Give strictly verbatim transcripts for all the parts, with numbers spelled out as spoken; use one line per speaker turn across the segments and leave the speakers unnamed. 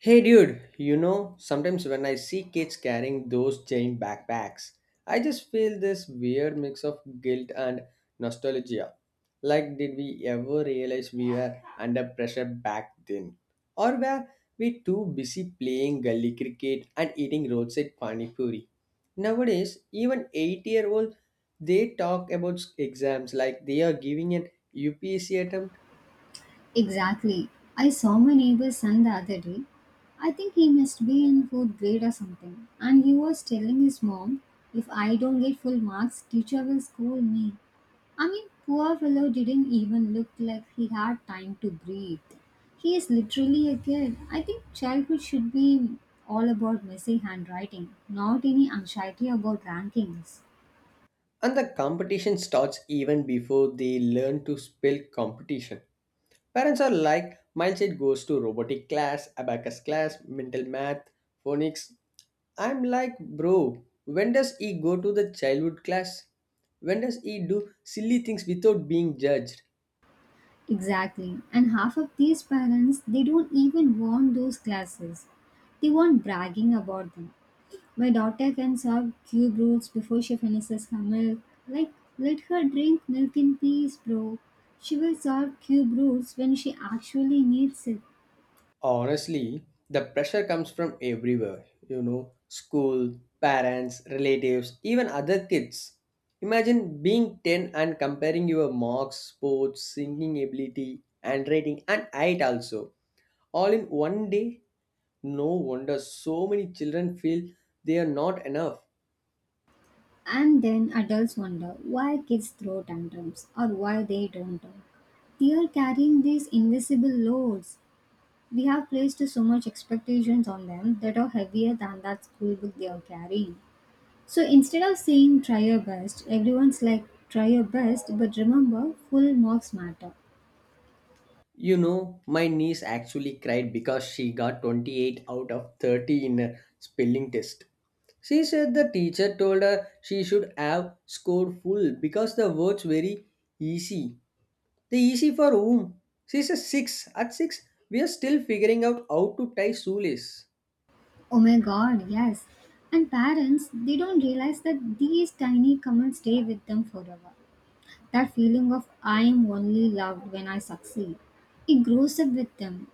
Hey dude, you know, sometimes when I see kids carrying those giant backpacks, I just feel this weird mix of guilt and nostalgia. Like, did we ever realize we were under pressure back then? Or were we too busy playing gully cricket and eating roadside pani puri? Nowadays, even eight year olds they talk about exams like they are giving an U P S C attempt.
Exactly. I saw my neighbor's son the other day. I think he must be in fourth grade or something. And he was telling his mom, if I don't get full marks, teacher will scold me. I mean, poor fellow didn't even look like he had time to breathe. He is literally a kid. I think childhood should be all about messy handwriting, not any anxiety about rankings.
And the competition starts even before they learn to spell competition. Parents are like, my child goes to robotic class, abacus class, mental math, phonics. I'm like, bro, when does he go to the childhood class? When does he do silly things without being judged?
Exactly. And half of these parents, they don't even want those classes. They want bragging about them. My daughter can serve cube rolls before she finishes her milk. Like, let her drink milk in peace, bro. She will serve cube rolls when she actually needs it.
Honestly, the pressure comes from everywhere, you know, school, parents, relatives, even other kids. Imagine being ten and comparing your marks, sports, singing ability, handwriting, and height also, all in one day. No wonder so many children feel they are not enough.
And then adults wonder why kids throw tantrums or why they don't talk. They are carrying these invisible loads. We have placed so much expectations on them that are heavier than that school book they are carrying. So instead of saying try your best, everyone's like try your best, but remember full marks matter.
You know, my niece actually cried because she got twenty-eight out of thirty in a spelling test. She said the teacher told her she should have scored full because the words very easy. The easy for whom? She a six. At six, we are still figuring out how to tie shoelace.
Oh my god, yes. And parents, they don't realize that these tiny comments stay with them forever. That feeling of I am only loved when I succeed. It grows up with them.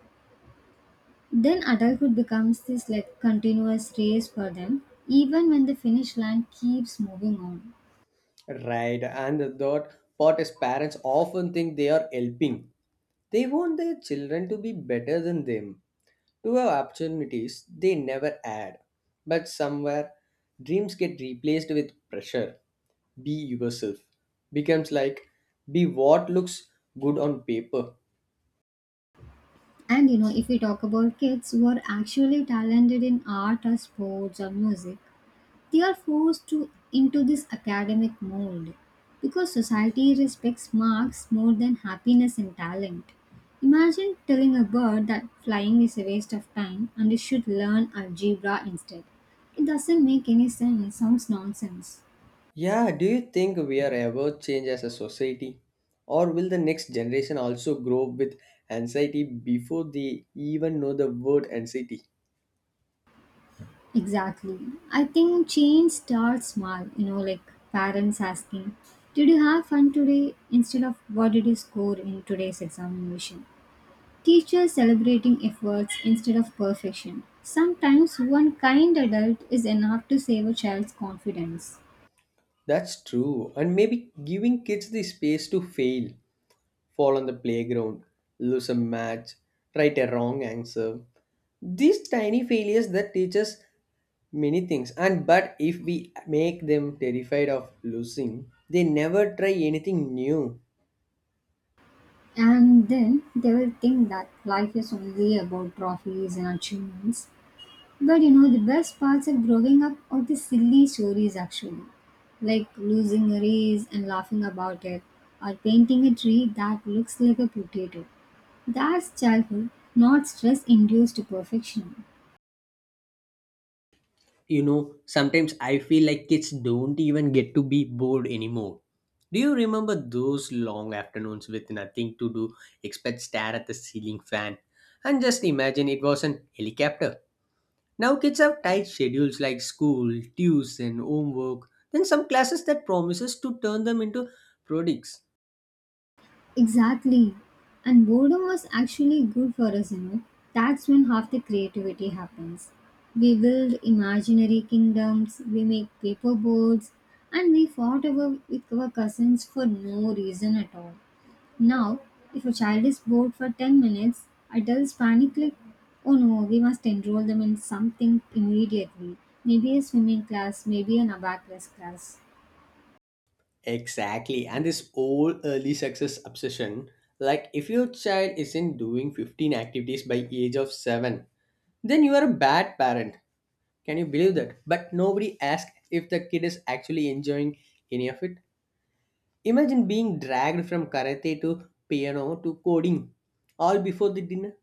Then adulthood becomes this like continuous race for them, even when the finish line keeps moving on.
Right, and the third part is parents often think they are helping. They want their children to be better than them, to have opportunities they never had. But somewhere, dreams get replaced with pressure. Be yourself becomes like be what looks good on paper.
And you know, if we talk about kids who are actually talented in art or sports or music, they are forced to into this academic mold because society respects marks more than happiness and talent. Imagine telling a bird that flying is a waste of time and it should learn algebra instead. It doesn't make any sense, sounds nonsense.
Yeah, do you think we are ever change as a society? Or will the next generation also grow up with anxiety before they even know the word anxiety?
Exactly. I think change starts small, you know, like parents asking, did you have fun today? Instead of what did you score in today's examination? Teachers celebrating efforts instead of perfection. Sometimes one kind adult is enough to save a child's confidence.
That's true, and maybe giving kids the space to fail, fall on the playground, lose a match, write a wrong answer. These tiny failures that teach us many things, and but if we make them terrified of losing, they never try anything new.
And then they will think that life is only about trophies and achievements. But you know, the best parts of growing up are the silly stories actually, like losing a race and laughing about it, or painting a tree that looks like a potato. That's childhood, not stress induced perfection.
You know, sometimes I feel like kids don't even get to be bored anymore. Do you remember those long afternoons with nothing to do except stare at the ceiling fan and just imagine it was an helicopter. Now kids have tight schedules like school, tuition, homework, then some classes that promises to turn them into products.
Exactly. And boredom was actually good for us, you know. That's when half the creativity happens. We build imaginary kingdoms, we make paper boards, and we fought over with our cousins for no reason at all. Now, if a child is bored for ten minutes, adults panic like, oh no, we must enroll them in something immediately. Maybe a swimming class, maybe an abacus class.
Exactly, and this old early success obsession, like if your child isn't doing fifteen activities by age of seven, then you are a bad parent. Can you believe that? But nobody asks if the kid is actually enjoying any of it. Imagine being dragged from karate to piano to coding all before the dinner.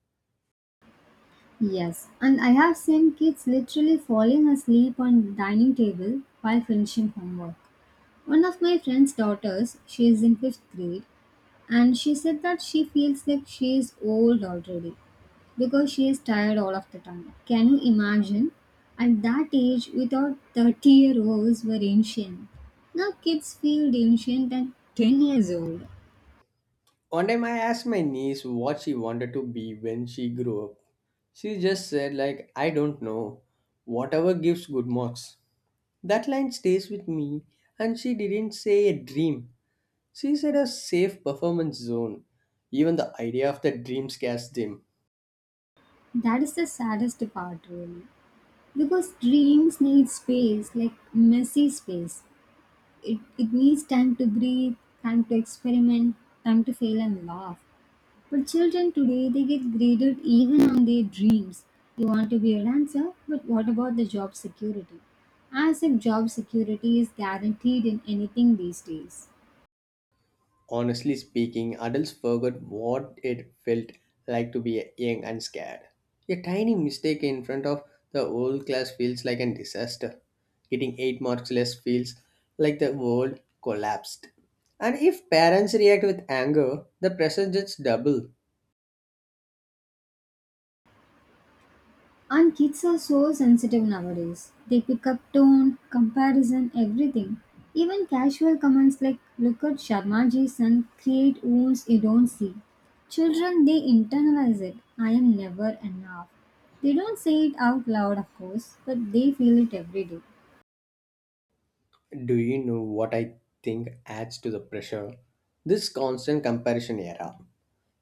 Yes, and I have seen kids literally falling asleep on the dining table while finishing homework. One of my friend's daughters, she is in fifth grade, and she said that she feels like she is old already, because she is tired all of the time. Can you imagine? At that age, we thought thirty year olds were ancient. Now kids feel ancient at ten years old.
One time I asked my niece what she wanted to be when she grew up. She just said like I don't know. Whatever gives good marks. That line stays with me and she didn't say a dream. She said a safe performance zone. Even the idea of the dream scares them.
That is the saddest part, really. Because dreams need space, like messy space. It, it needs time to breathe, time to experiment, time to fail and laugh. But children today, they get graded even on their dreams. You want to be a dancer, but what about the job security? As if job security is guaranteed in anything these days.
Honestly speaking, adults forgot what it felt like to be young and scared. A tiny mistake in front of the whole class feels like a disaster. Getting eight marks less feels like the world collapsed. And if parents react with anger, the pressure just double.
And kids are so sensitive nowadays. They pick up tone, comparison, everything. Even casual comments like, look at Sharma ji's son, create wounds you don't see. Children, they internalize it. I am never enough. They don't say it out loud, of course, but they feel it every day.
Do you know what I think adds to the pressure? This constant comparison era.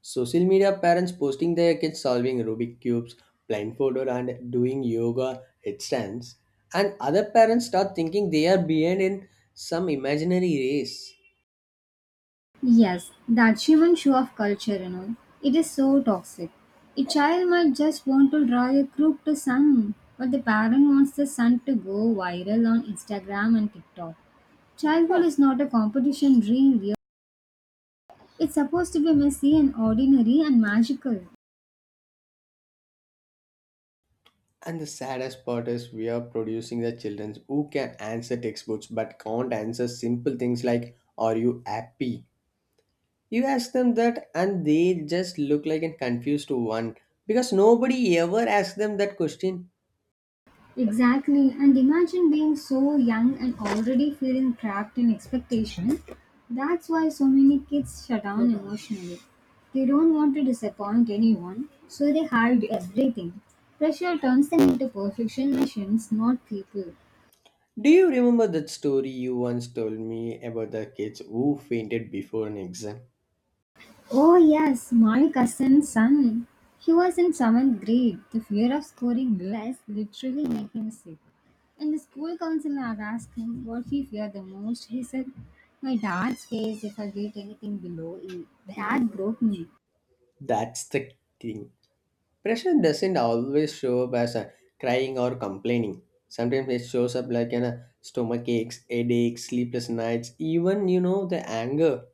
Social media parents posting their kids solving Rubik cubes, blindfolded, and doing yoga headstands, and other parents start thinking they are behind in some imaginary race.
Yes, that human show of culture, you know. It is so toxic. A child might just want to draw a crook to sun, but the parent wants the son to go viral on Instagram and TikTok. Childhood is not a competition dream, dear. It's supposed to be messy and ordinary and magical.
And the saddest part is we are producing the children who can answer textbooks but can't answer simple things like "Are you happy?" You ask them that, and they just look like a confused one because nobody ever asks them that question.
Exactly, and imagine being so young and already feeling trapped in expectation. That's why so many kids shut down emotionally. They don't want to disappoint anyone, so they hide everything. Pressure turns them into perfection machines, not people.
Do you remember that story you once told me about the kids who fainted before an exam?
Oh, yes, my cousin's son. He was in seventh grade. The fear of scoring less literally made him sick. And the school counselor had asked him what he feared the most. He said, my dad's face if I get anything below A. That broke me.
That's the thing. Pressure doesn't always show up as a crying or complaining. Sometimes it shows up like an a stomach aches, headaches, sleepless nights, even you know the anger.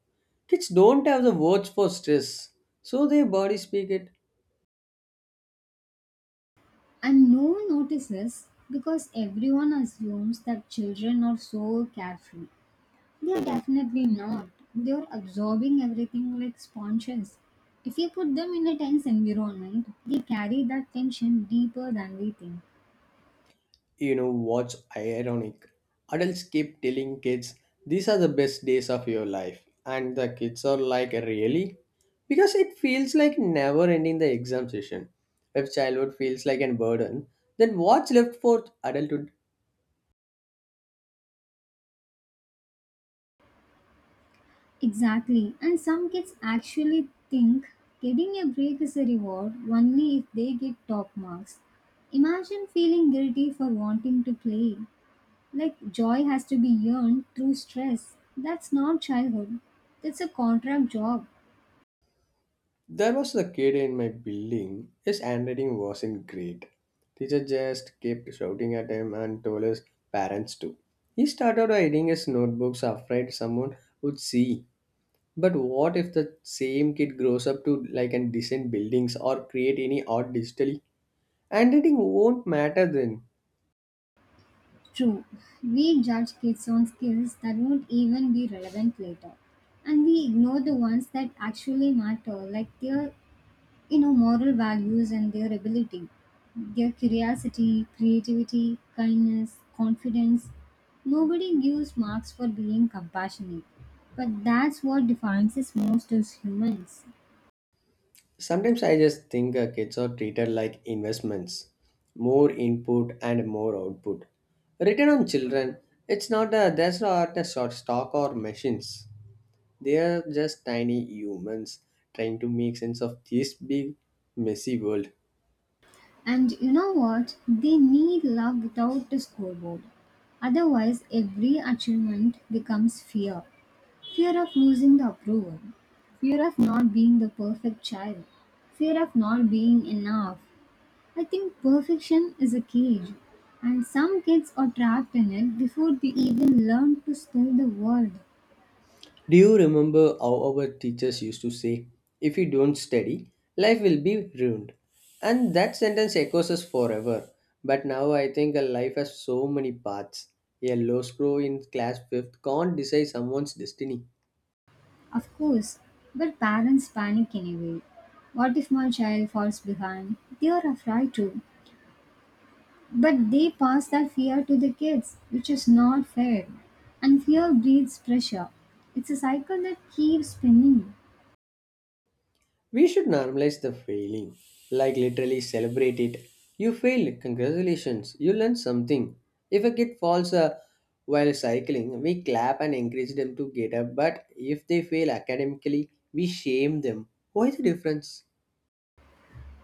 Kids don't have the words for stress, so their bodies speak it.
And no one notices because everyone assumes that children are so carefree. They're definitely not. They're absorbing everything like sponges. If you put them in a tense environment, they carry that tension deeper than we think.
You know what's ironic? Adults keep telling kids these are the best days of your life, and the kids are like, really? Because it feels like never ending the exam session. If childhood feels like a burden, then what's left for adulthood?
Exactly. And some kids actually think getting a break is a reward only if they get top marks. Imagine feeling guilty for wanting to play. Like joy has to be earned through stress. That's not childhood. That's a contract job.
There was the kid in my building. His handwriting wasn't great. Teacher just kept shouting at him and told his parents too. He started hiding his notebooks afraid someone would see. But what if the same kid grows up to like and design buildings or create any art digitally? Handwriting won't matter then.
True, we judge kids on skills that won't even be relevant later, and we ignore the ones that actually matter, like their you know moral values and their ability, their curiosity, creativity, kindness, confidence. Nobody gives marks for being compassionate, but that's what defines us most as humans.
Sometimes I just think uh, kids are treated like investments. More input and more output. Written on children, it's not a that's not a short stock or machines. They are just tiny humans trying to make sense of this big messy world.
And you know what? They need love without the scoreboard. Otherwise, every achievement becomes fear. Fear of losing the approval, fear of not being the perfect child, fear of not being enough. I think perfection is a cage, and some kids are trapped in it before they even learn to spell the word.
Do you remember how our teachers used to say, if you don't study, life will be ruined? And that sentence echoes us forever. But now I think a life has so many paths. A low screw in class fifth can't decide someone's destiny.
Of course, but parents panic anyway. What if my child falls behind? They are afraid too. But they pass that fear to the kids, which is not fair. And fear breeds pressure. It's a cycle that keeps spinning.
We should normalize the failing, like literally celebrate it. You failed, congratulations, you learned something. If a kid falls uh, while cycling, we clap and encourage them to get up, but if they fail academically, we shame them. Why the difference?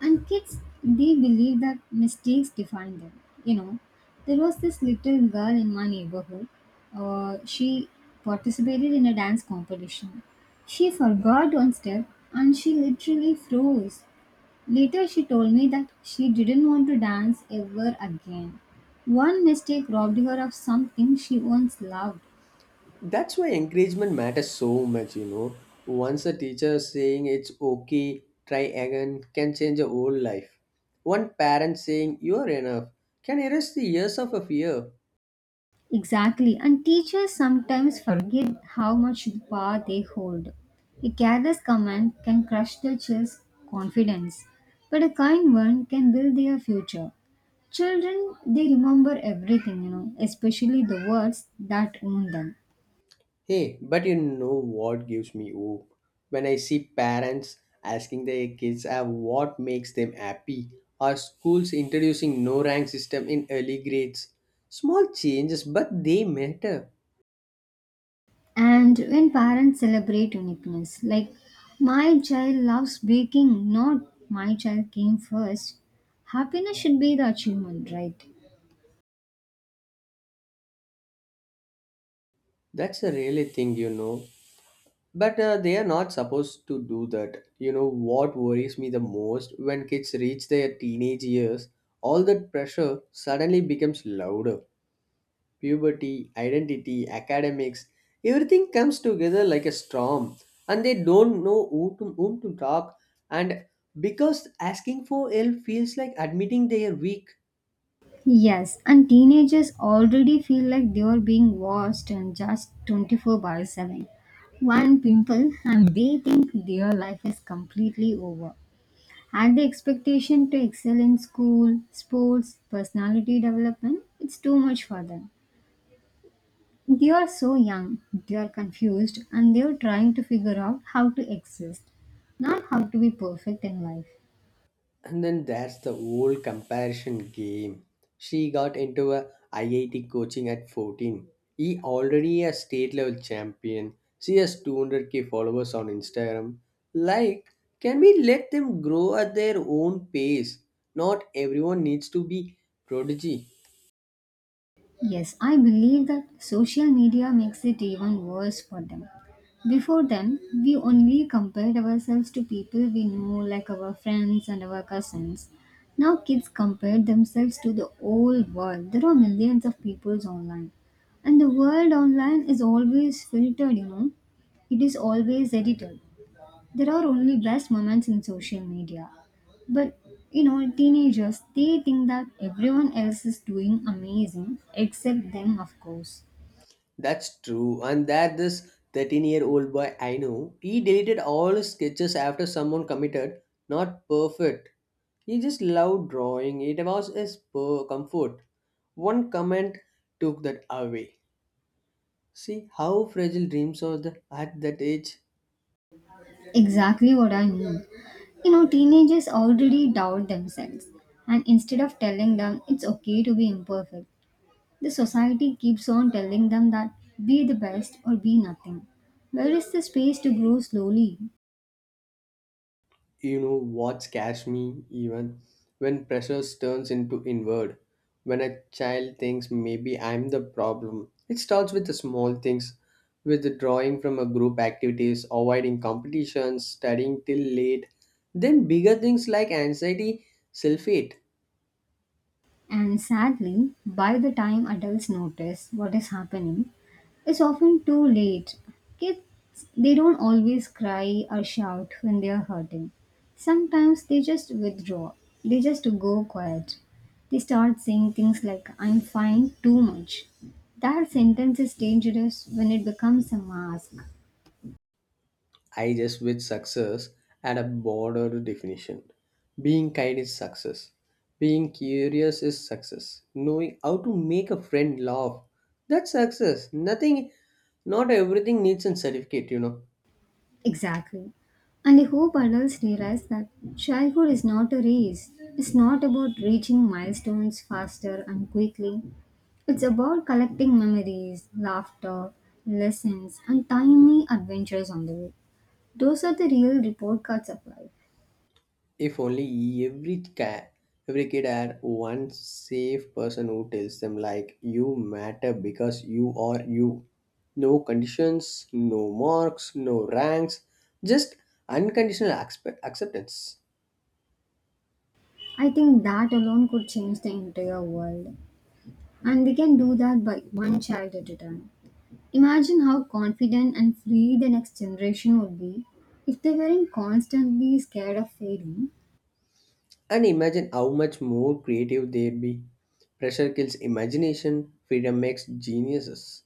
And kids, they believe that mistakes define them. You know, there was this little girl in my neighborhood. Uh, she participated in a dance competition. She forgot one step and she literally froze. Later, she told me that she didn't want to dance ever again. One mistake robbed her of something she once loved.
That's why encouragement matters so much, you know. Once a teacher saying it's okay, try again can change a whole life. One parent saying you're enough can erase the years of a fear.
Exactly, and teachers sometimes forget how much power they hold. A careless comment can crush the child's confidence, but a kind one can build their future. Children, they remember everything, you know, especially the words that wound them.
Hey, but you know what gives me hope? When I see parents asking their kids uh, what makes them happy, or schools introducing no rank system in early grades. Small changes, but they matter.
And when parents celebrate uniqueness, like my child loves baking, not my child came first, happiness should be the achievement, right?
That's a really thing, you know. But uh, they are not supposed to do that. You know what worries me the most when kids reach their teenage years? All that pressure suddenly becomes louder. Puberty, identity, academics, everything comes together like a storm, and they don't know who to, whom to talk. And because asking for help feels like admitting they are weak.
Yes, and teenagers already feel like they are being watched and just twenty-four by seven. One pimple, and they think their life is completely over. And the expectation to excel in school, sports, personality development, it's too much for them. They are so young, they are confused, and they are trying to figure out how to exist, not how to be perfect in life.
And then that's the old comparison game. She got into a I I T coaching at fourteen. He already a state level champion. She has two hundred k followers on Instagram. Like, can we let them grow at their own pace? Not everyone needs to be prodigy.
Yes, I believe that social media makes it even worse for them. Before then, we only compared ourselves to people we knew, like our friends and our cousins. Now, kids compare themselves to the whole world. There are millions of peoples online. And the world online is always filtered, you know. It is always edited. There are only best moments in social media. But you know, teenagers they think that everyone else is doing amazing except them, of course.
That's true. And that this thirteen year old boy I know, he deleted all his sketches after someone committed, not perfect. He just loved drawing. It was his po- comfort. One comment took that away. See how fragile dreams are the, at that age.
Exactly what I mean. You know, teenagers already doubt themselves, and instead of telling them it's okay to be imperfect, the society keeps on telling them that be the best or be nothing. Where is the space to grow slowly?
You know what scares me even when pressure turns into inward. When a child thinks maybe I'm the problem. It starts with the small things, with withdrawing from a group activities, avoiding competitions, studying till late. Then bigger things like anxiety, self-hate.
And sadly, by the time adults notice what is happening, it's often too late. Kids, they don't always cry or shout when they are hurting. Sometimes they just withdraw, they just go quiet. They start saying things like, I'm fine, too much. That sentence is dangerous when it becomes a mask.
I just wish success had a broader definition. Being kind is success. Being curious is success. Knowing how to make a friend laugh, that's success. Nothing, not everything needs a certificate, you know.
Exactly. And I hope adults realize that childhood is not a race. It's not about reaching milestones faster and quickly. It's about collecting memories, laughter, lessons, and tiny adventures on the way. Those are the real report cards of life.
If only every cat, every kid had one safe person who tells them like you matter because you are you. No conditions, no marks, no ranks, just unconditional accept- acceptance.
I think that alone could change the entire world. And we can do that by one child at a time. Imagine how confident and free the next generation would be if they weren't constantly scared of failing.
And imagine how much more creative they'd be. Pressure kills imagination, freedom makes geniuses.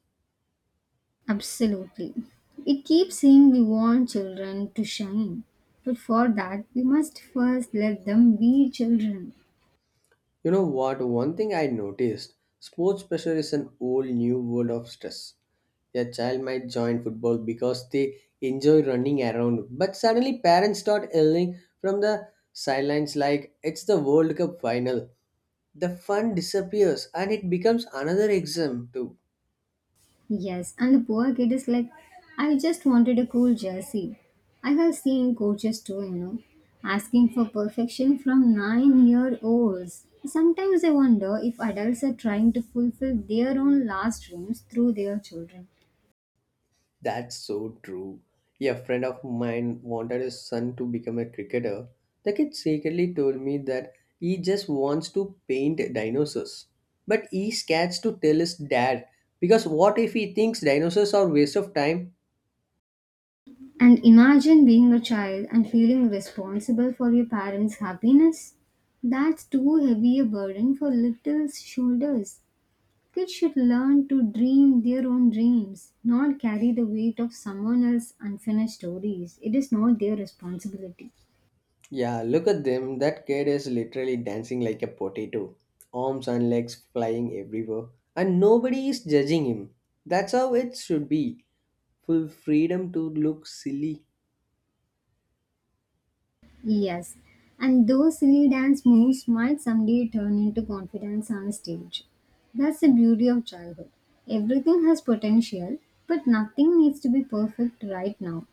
Absolutely. We keep saying we want children to shine, but for that, we must first let them be children.
You know what? One thing I noticed sports pressure is an whole new world of stress. Your child might join football because they enjoy running around, but suddenly parents start yelling from the sidelines like it's the World Cup final. The fun disappears and it becomes another exam too.
Yes, and the poor kid is like, I just wanted a cool jersey. I have seen coaches too, you know, asking for perfection from nine year olds. Sometimes I wonder if adults are trying to fulfill their own last dreams through their children.
That's so true. Yeah, a friend of mine wanted his son to become a cricketer. The kid secretly told me that he just wants to paint dinosaurs. But he scared to tell his dad because what if he thinks dinosaurs are waste of time?
And imagine being a child and feeling responsible for your parents' happiness. That's too heavy a burden for little shoulders. Kids should learn to dream their own dreams, not carry the weight of someone else's unfinished stories. It is not their responsibility.
Yeah, look at them. That kid is literally dancing like a potato, arms and legs flying everywhere, and nobody is judging him. That's how it should be. Full freedom to look silly.
Yes, and those silly dance moves might someday turn into confidence on stage. That's the beauty of childhood. Everything has potential, but nothing needs to be perfect right now.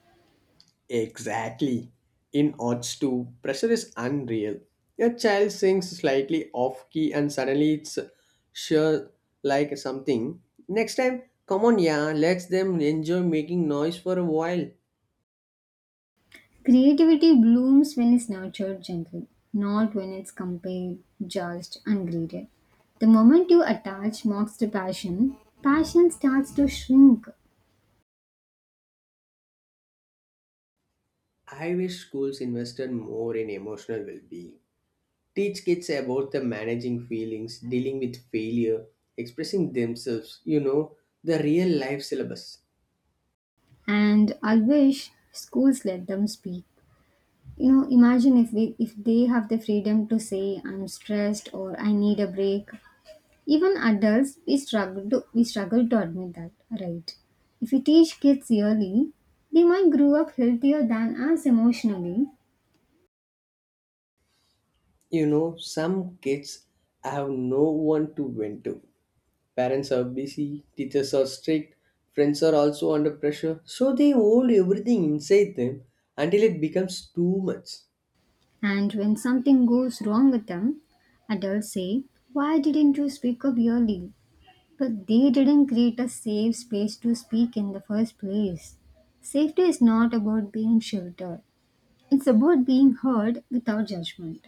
Exactly. In Odds two, pressure is unreal. A child sings slightly off key and suddenly it's sure like something. Next time, come on, yeah, let them enjoy making noise for a while.
Creativity blooms when it's nurtured gently, not when it's compared, judged, and graded. The moment you attach marks to passion, passion starts to shrink.
I wish schools invested more in emotional well being. Teach kids about the managing feelings, dealing with failure, expressing themselves, you know, the real life syllabus.
And I wish schools let them speak. You know, imagine if we, if they have the freedom to say I'm stressed or I need a break. Even adults we struggle to we struggle to admit that, right? If we teach kids early, they might grow up healthier than us emotionally.
You know, some kids have no one to vent to. Parents are busy, teachers are strict, friends are also under pressure, so they hold everything inside them until it becomes too much.
And when something goes wrong with them, adults say, Why didn't you speak up early? But they didn't create a safe space to speak in the first place. Safety is not about being sheltered, it's about being heard without judgment.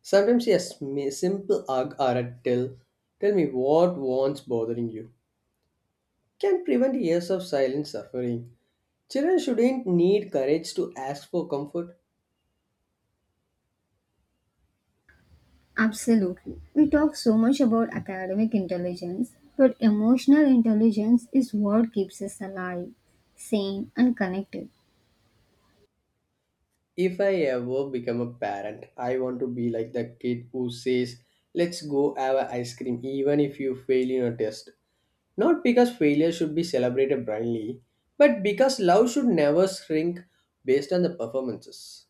Sometimes, yes, may simple hug or a tell, tell me what wants bothering you, can prevent years of silent suffering. Children shouldn't need courage to ask for comfort.
Absolutely. We talk so much about academic intelligence, but emotional intelligence is what keeps us alive, sane, and connected.
If I ever become a parent, I want to be like the kid who says, Let's go have a ice cream, even if you fail in a test. Not because failure should be celebrated blindly, but because love should never shrink based on the performances.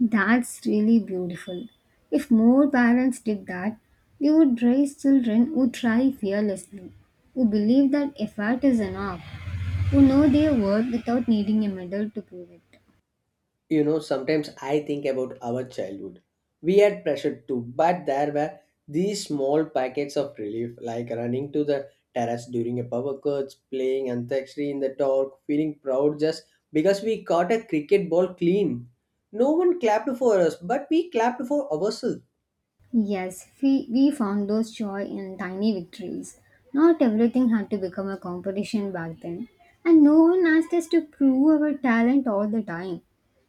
That's really beautiful. If more parents did that, they would raise children who try fearlessly, who believe that effort is enough, who know their worth without needing a medal to prove it.
You know, sometimes I think about our childhood. We had pressure too, but there were these small packets of relief, like running to the terrace during a power cut, playing antakshari in the dark, feeling proud just because we caught a cricket ball clean. No one clapped for us, but we clapped for ourselves.
Yes, we, we found those joy in tiny victories. Not everything had to become a competition back then, and no one asked us to prove our talent all the time.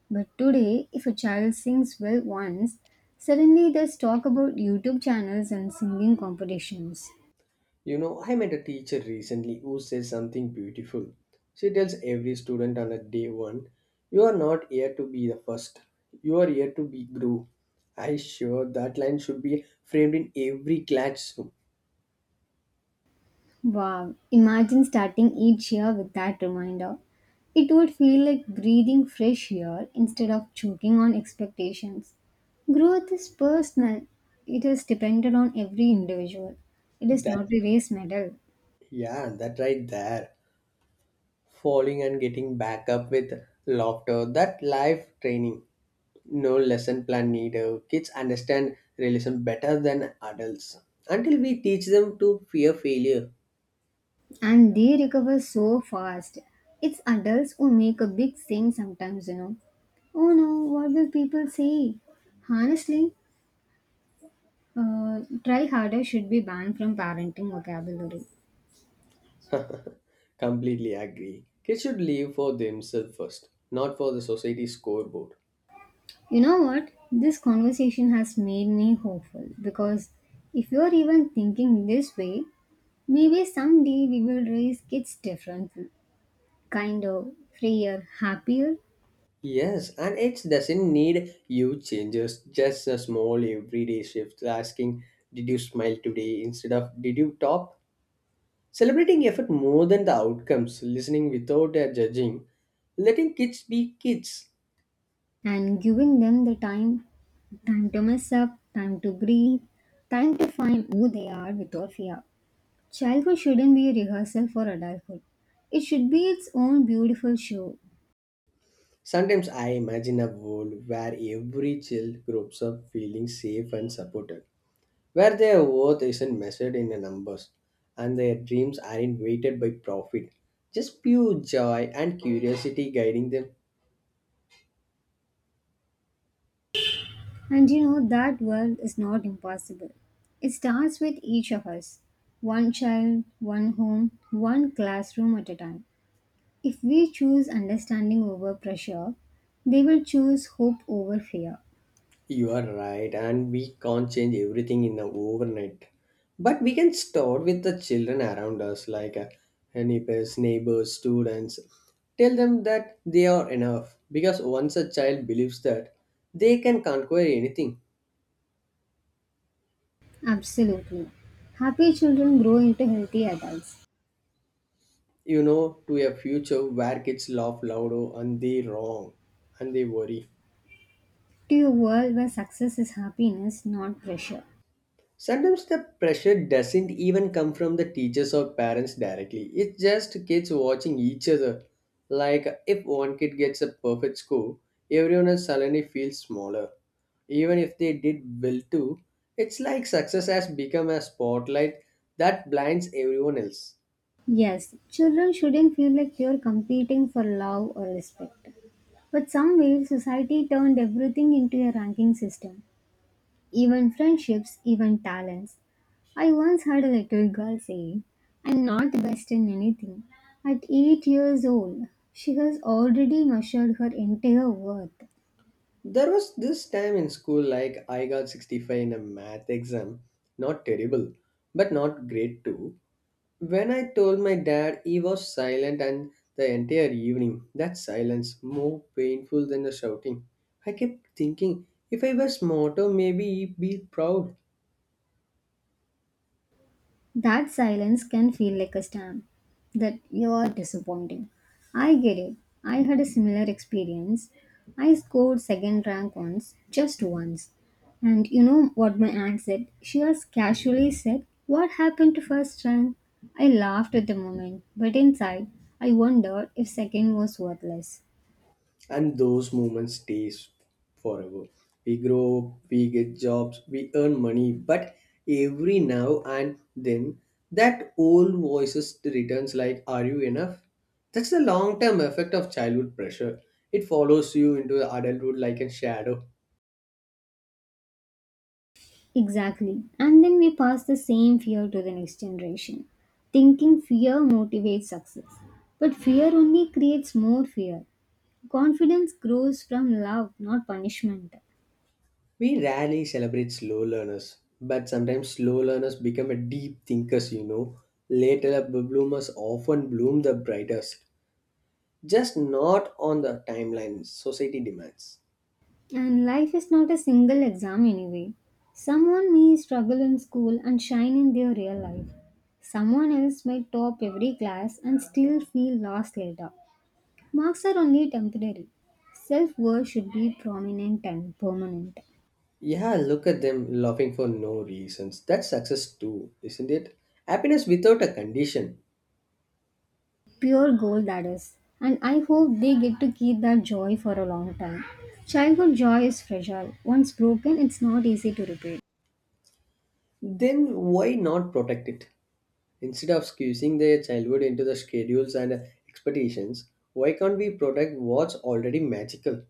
But today, if a child sings well once, suddenly there's talk about YouTube channels and singing competitions.
You know, I met a teacher recently who says something beautiful. She tells every student on a day one, "You are not here to be the first, you are here to be grew." I sure that line should be framed in every classroom.
Wow, imagine starting each year with that reminder. It would feel like breathing fresh air instead of choking on expectations. Growth is personal, it is dependent on every individual. It is not
That,
a race medal,
yeah, that right there. Falling and getting back up with laughter, that life training. No lesson plan needed. Kids understand realism better than adults. Until we teach them to fear failure.
and they recover so fast. It's adults who make a big thing sometimes, you know. Oh no, what will people say? Honestly, uh, try harder should be banned from parenting vocabulary.
Completely agree. Kids should live for themselves first, not for the society scoreboard.
You know what? This conversation has made me hopeful because if you're even thinking this way, maybe someday we will raise kids differently, kind of freer, happier,
Yes, and it doesn't need huge changes, just a small everyday shift asking, "Did you smile today" instead of "Did you top?" Celebrating effort more than the outcomes, listening without a judging, letting kids be kids.
and giving them the time time to mess up, time to breathe, time to find who they are without fear. Childhood shouldn't be a rehearsal for adulthood, it should be its own beautiful show.
Sometimes I imagine a world where every child grows up feeling safe and supported where their worth isn't measured in the numbers and their dreams aren't weighted by profit. Just pure joy and curiosity guiding them.
And you know, that world is not impossible. It starts with each of us, one child, one home, one classroom at a time. If we choose understanding over pressure, they will choose hope over fear.
You are right, and we can't change everything in an overnight. But we can start with the children around us, like uh, neighbors, neighbors, students. Tell them that they are enough because once a child believes that, they can conquer anything,
Absolutely. Happy children grow into healthy adults.
you know, to a future where kids laugh louder and they wrong and they worry.
To a world where success is happiness, not pressure.
Sometimes the pressure doesn't even come from the teachers or parents directly. It's just kids watching each other. Like if one kid gets a perfect score, everyone else suddenly feels smaller. Even if they did well too, it's like success has become a spotlight that blinds everyone else.
Yes, children shouldn't feel like you're competing for love or respect. But some ways, society turned everything into a ranking system, even friendships, even talents. I once heard a little girl say, I'm not the best in anything. At eight years old, she has already measured her entire worth.
There was this time in school like I got sixty-five in a math exam. Not terrible, but not great too. When I told my dad, he was silent and the entire evening. That silence, more painful than the shouting. I kept thinking, if I were smarter, maybe he'd be proud.
That silence can feel like a stamp that you are disappointing. I get it. I had a similar experience. I scored second rank once, just once. And you know what my aunt said? She just casually said, What happened to first rank? I laughed at the moment, but inside, I wondered if second was worthless.
And those moments stays forever. We grow up, we get jobs, we earn money, but every now and then, that old voices returns like, "Are you enough?" That's the long-term effect of childhood pressure. It follows you into adulthood like a shadow.
Exactly. And then we pass the same fear to the next generation, thinking fear motivates success. But fear only creates more fear. Confidence grows from love, not punishment.
We rarely celebrate slow learners, but sometimes slow learners become a deep thinkers, you know. Later bloomers often bloom the brightest, just not on the timeline society demands.
And life is not a single exam anyway. Someone may struggle in school and shine in their real life. Someone else might top every class and still feel lost later. Marks are only temporary. Self worth should be prominent and permanent.
Yeah, look at them laughing for no reasons. That's success too, isn't it? Happiness without a condition.
Pure gold that is, and I hope they get to keep that joy for a long time. Childhood joy is fragile. Once broken, it's not easy to repair.
Then why not protect it? Instead of squeezing their childhood into the schedules and expectations, why can't we protect what's already magical?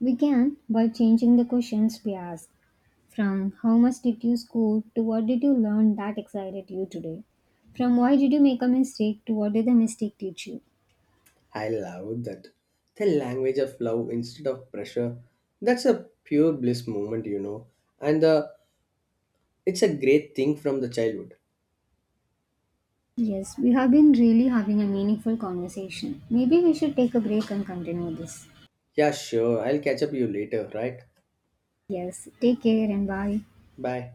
We can, by changing the questions we ask, from how much did you score to what did you learn that excited you today, from why did you make a mistake to what did the mistake teach you.
I love that. The language of love instead of pressure. That's a pure bliss moment, you know. And uh, it's a great thing from the childhood.
Yes, we have been really having a meaningful conversation. Maybe we should take a break and continue this.
Yeah, sure. I'll catch up you later, right?
Yes, take care and bye.
Bye.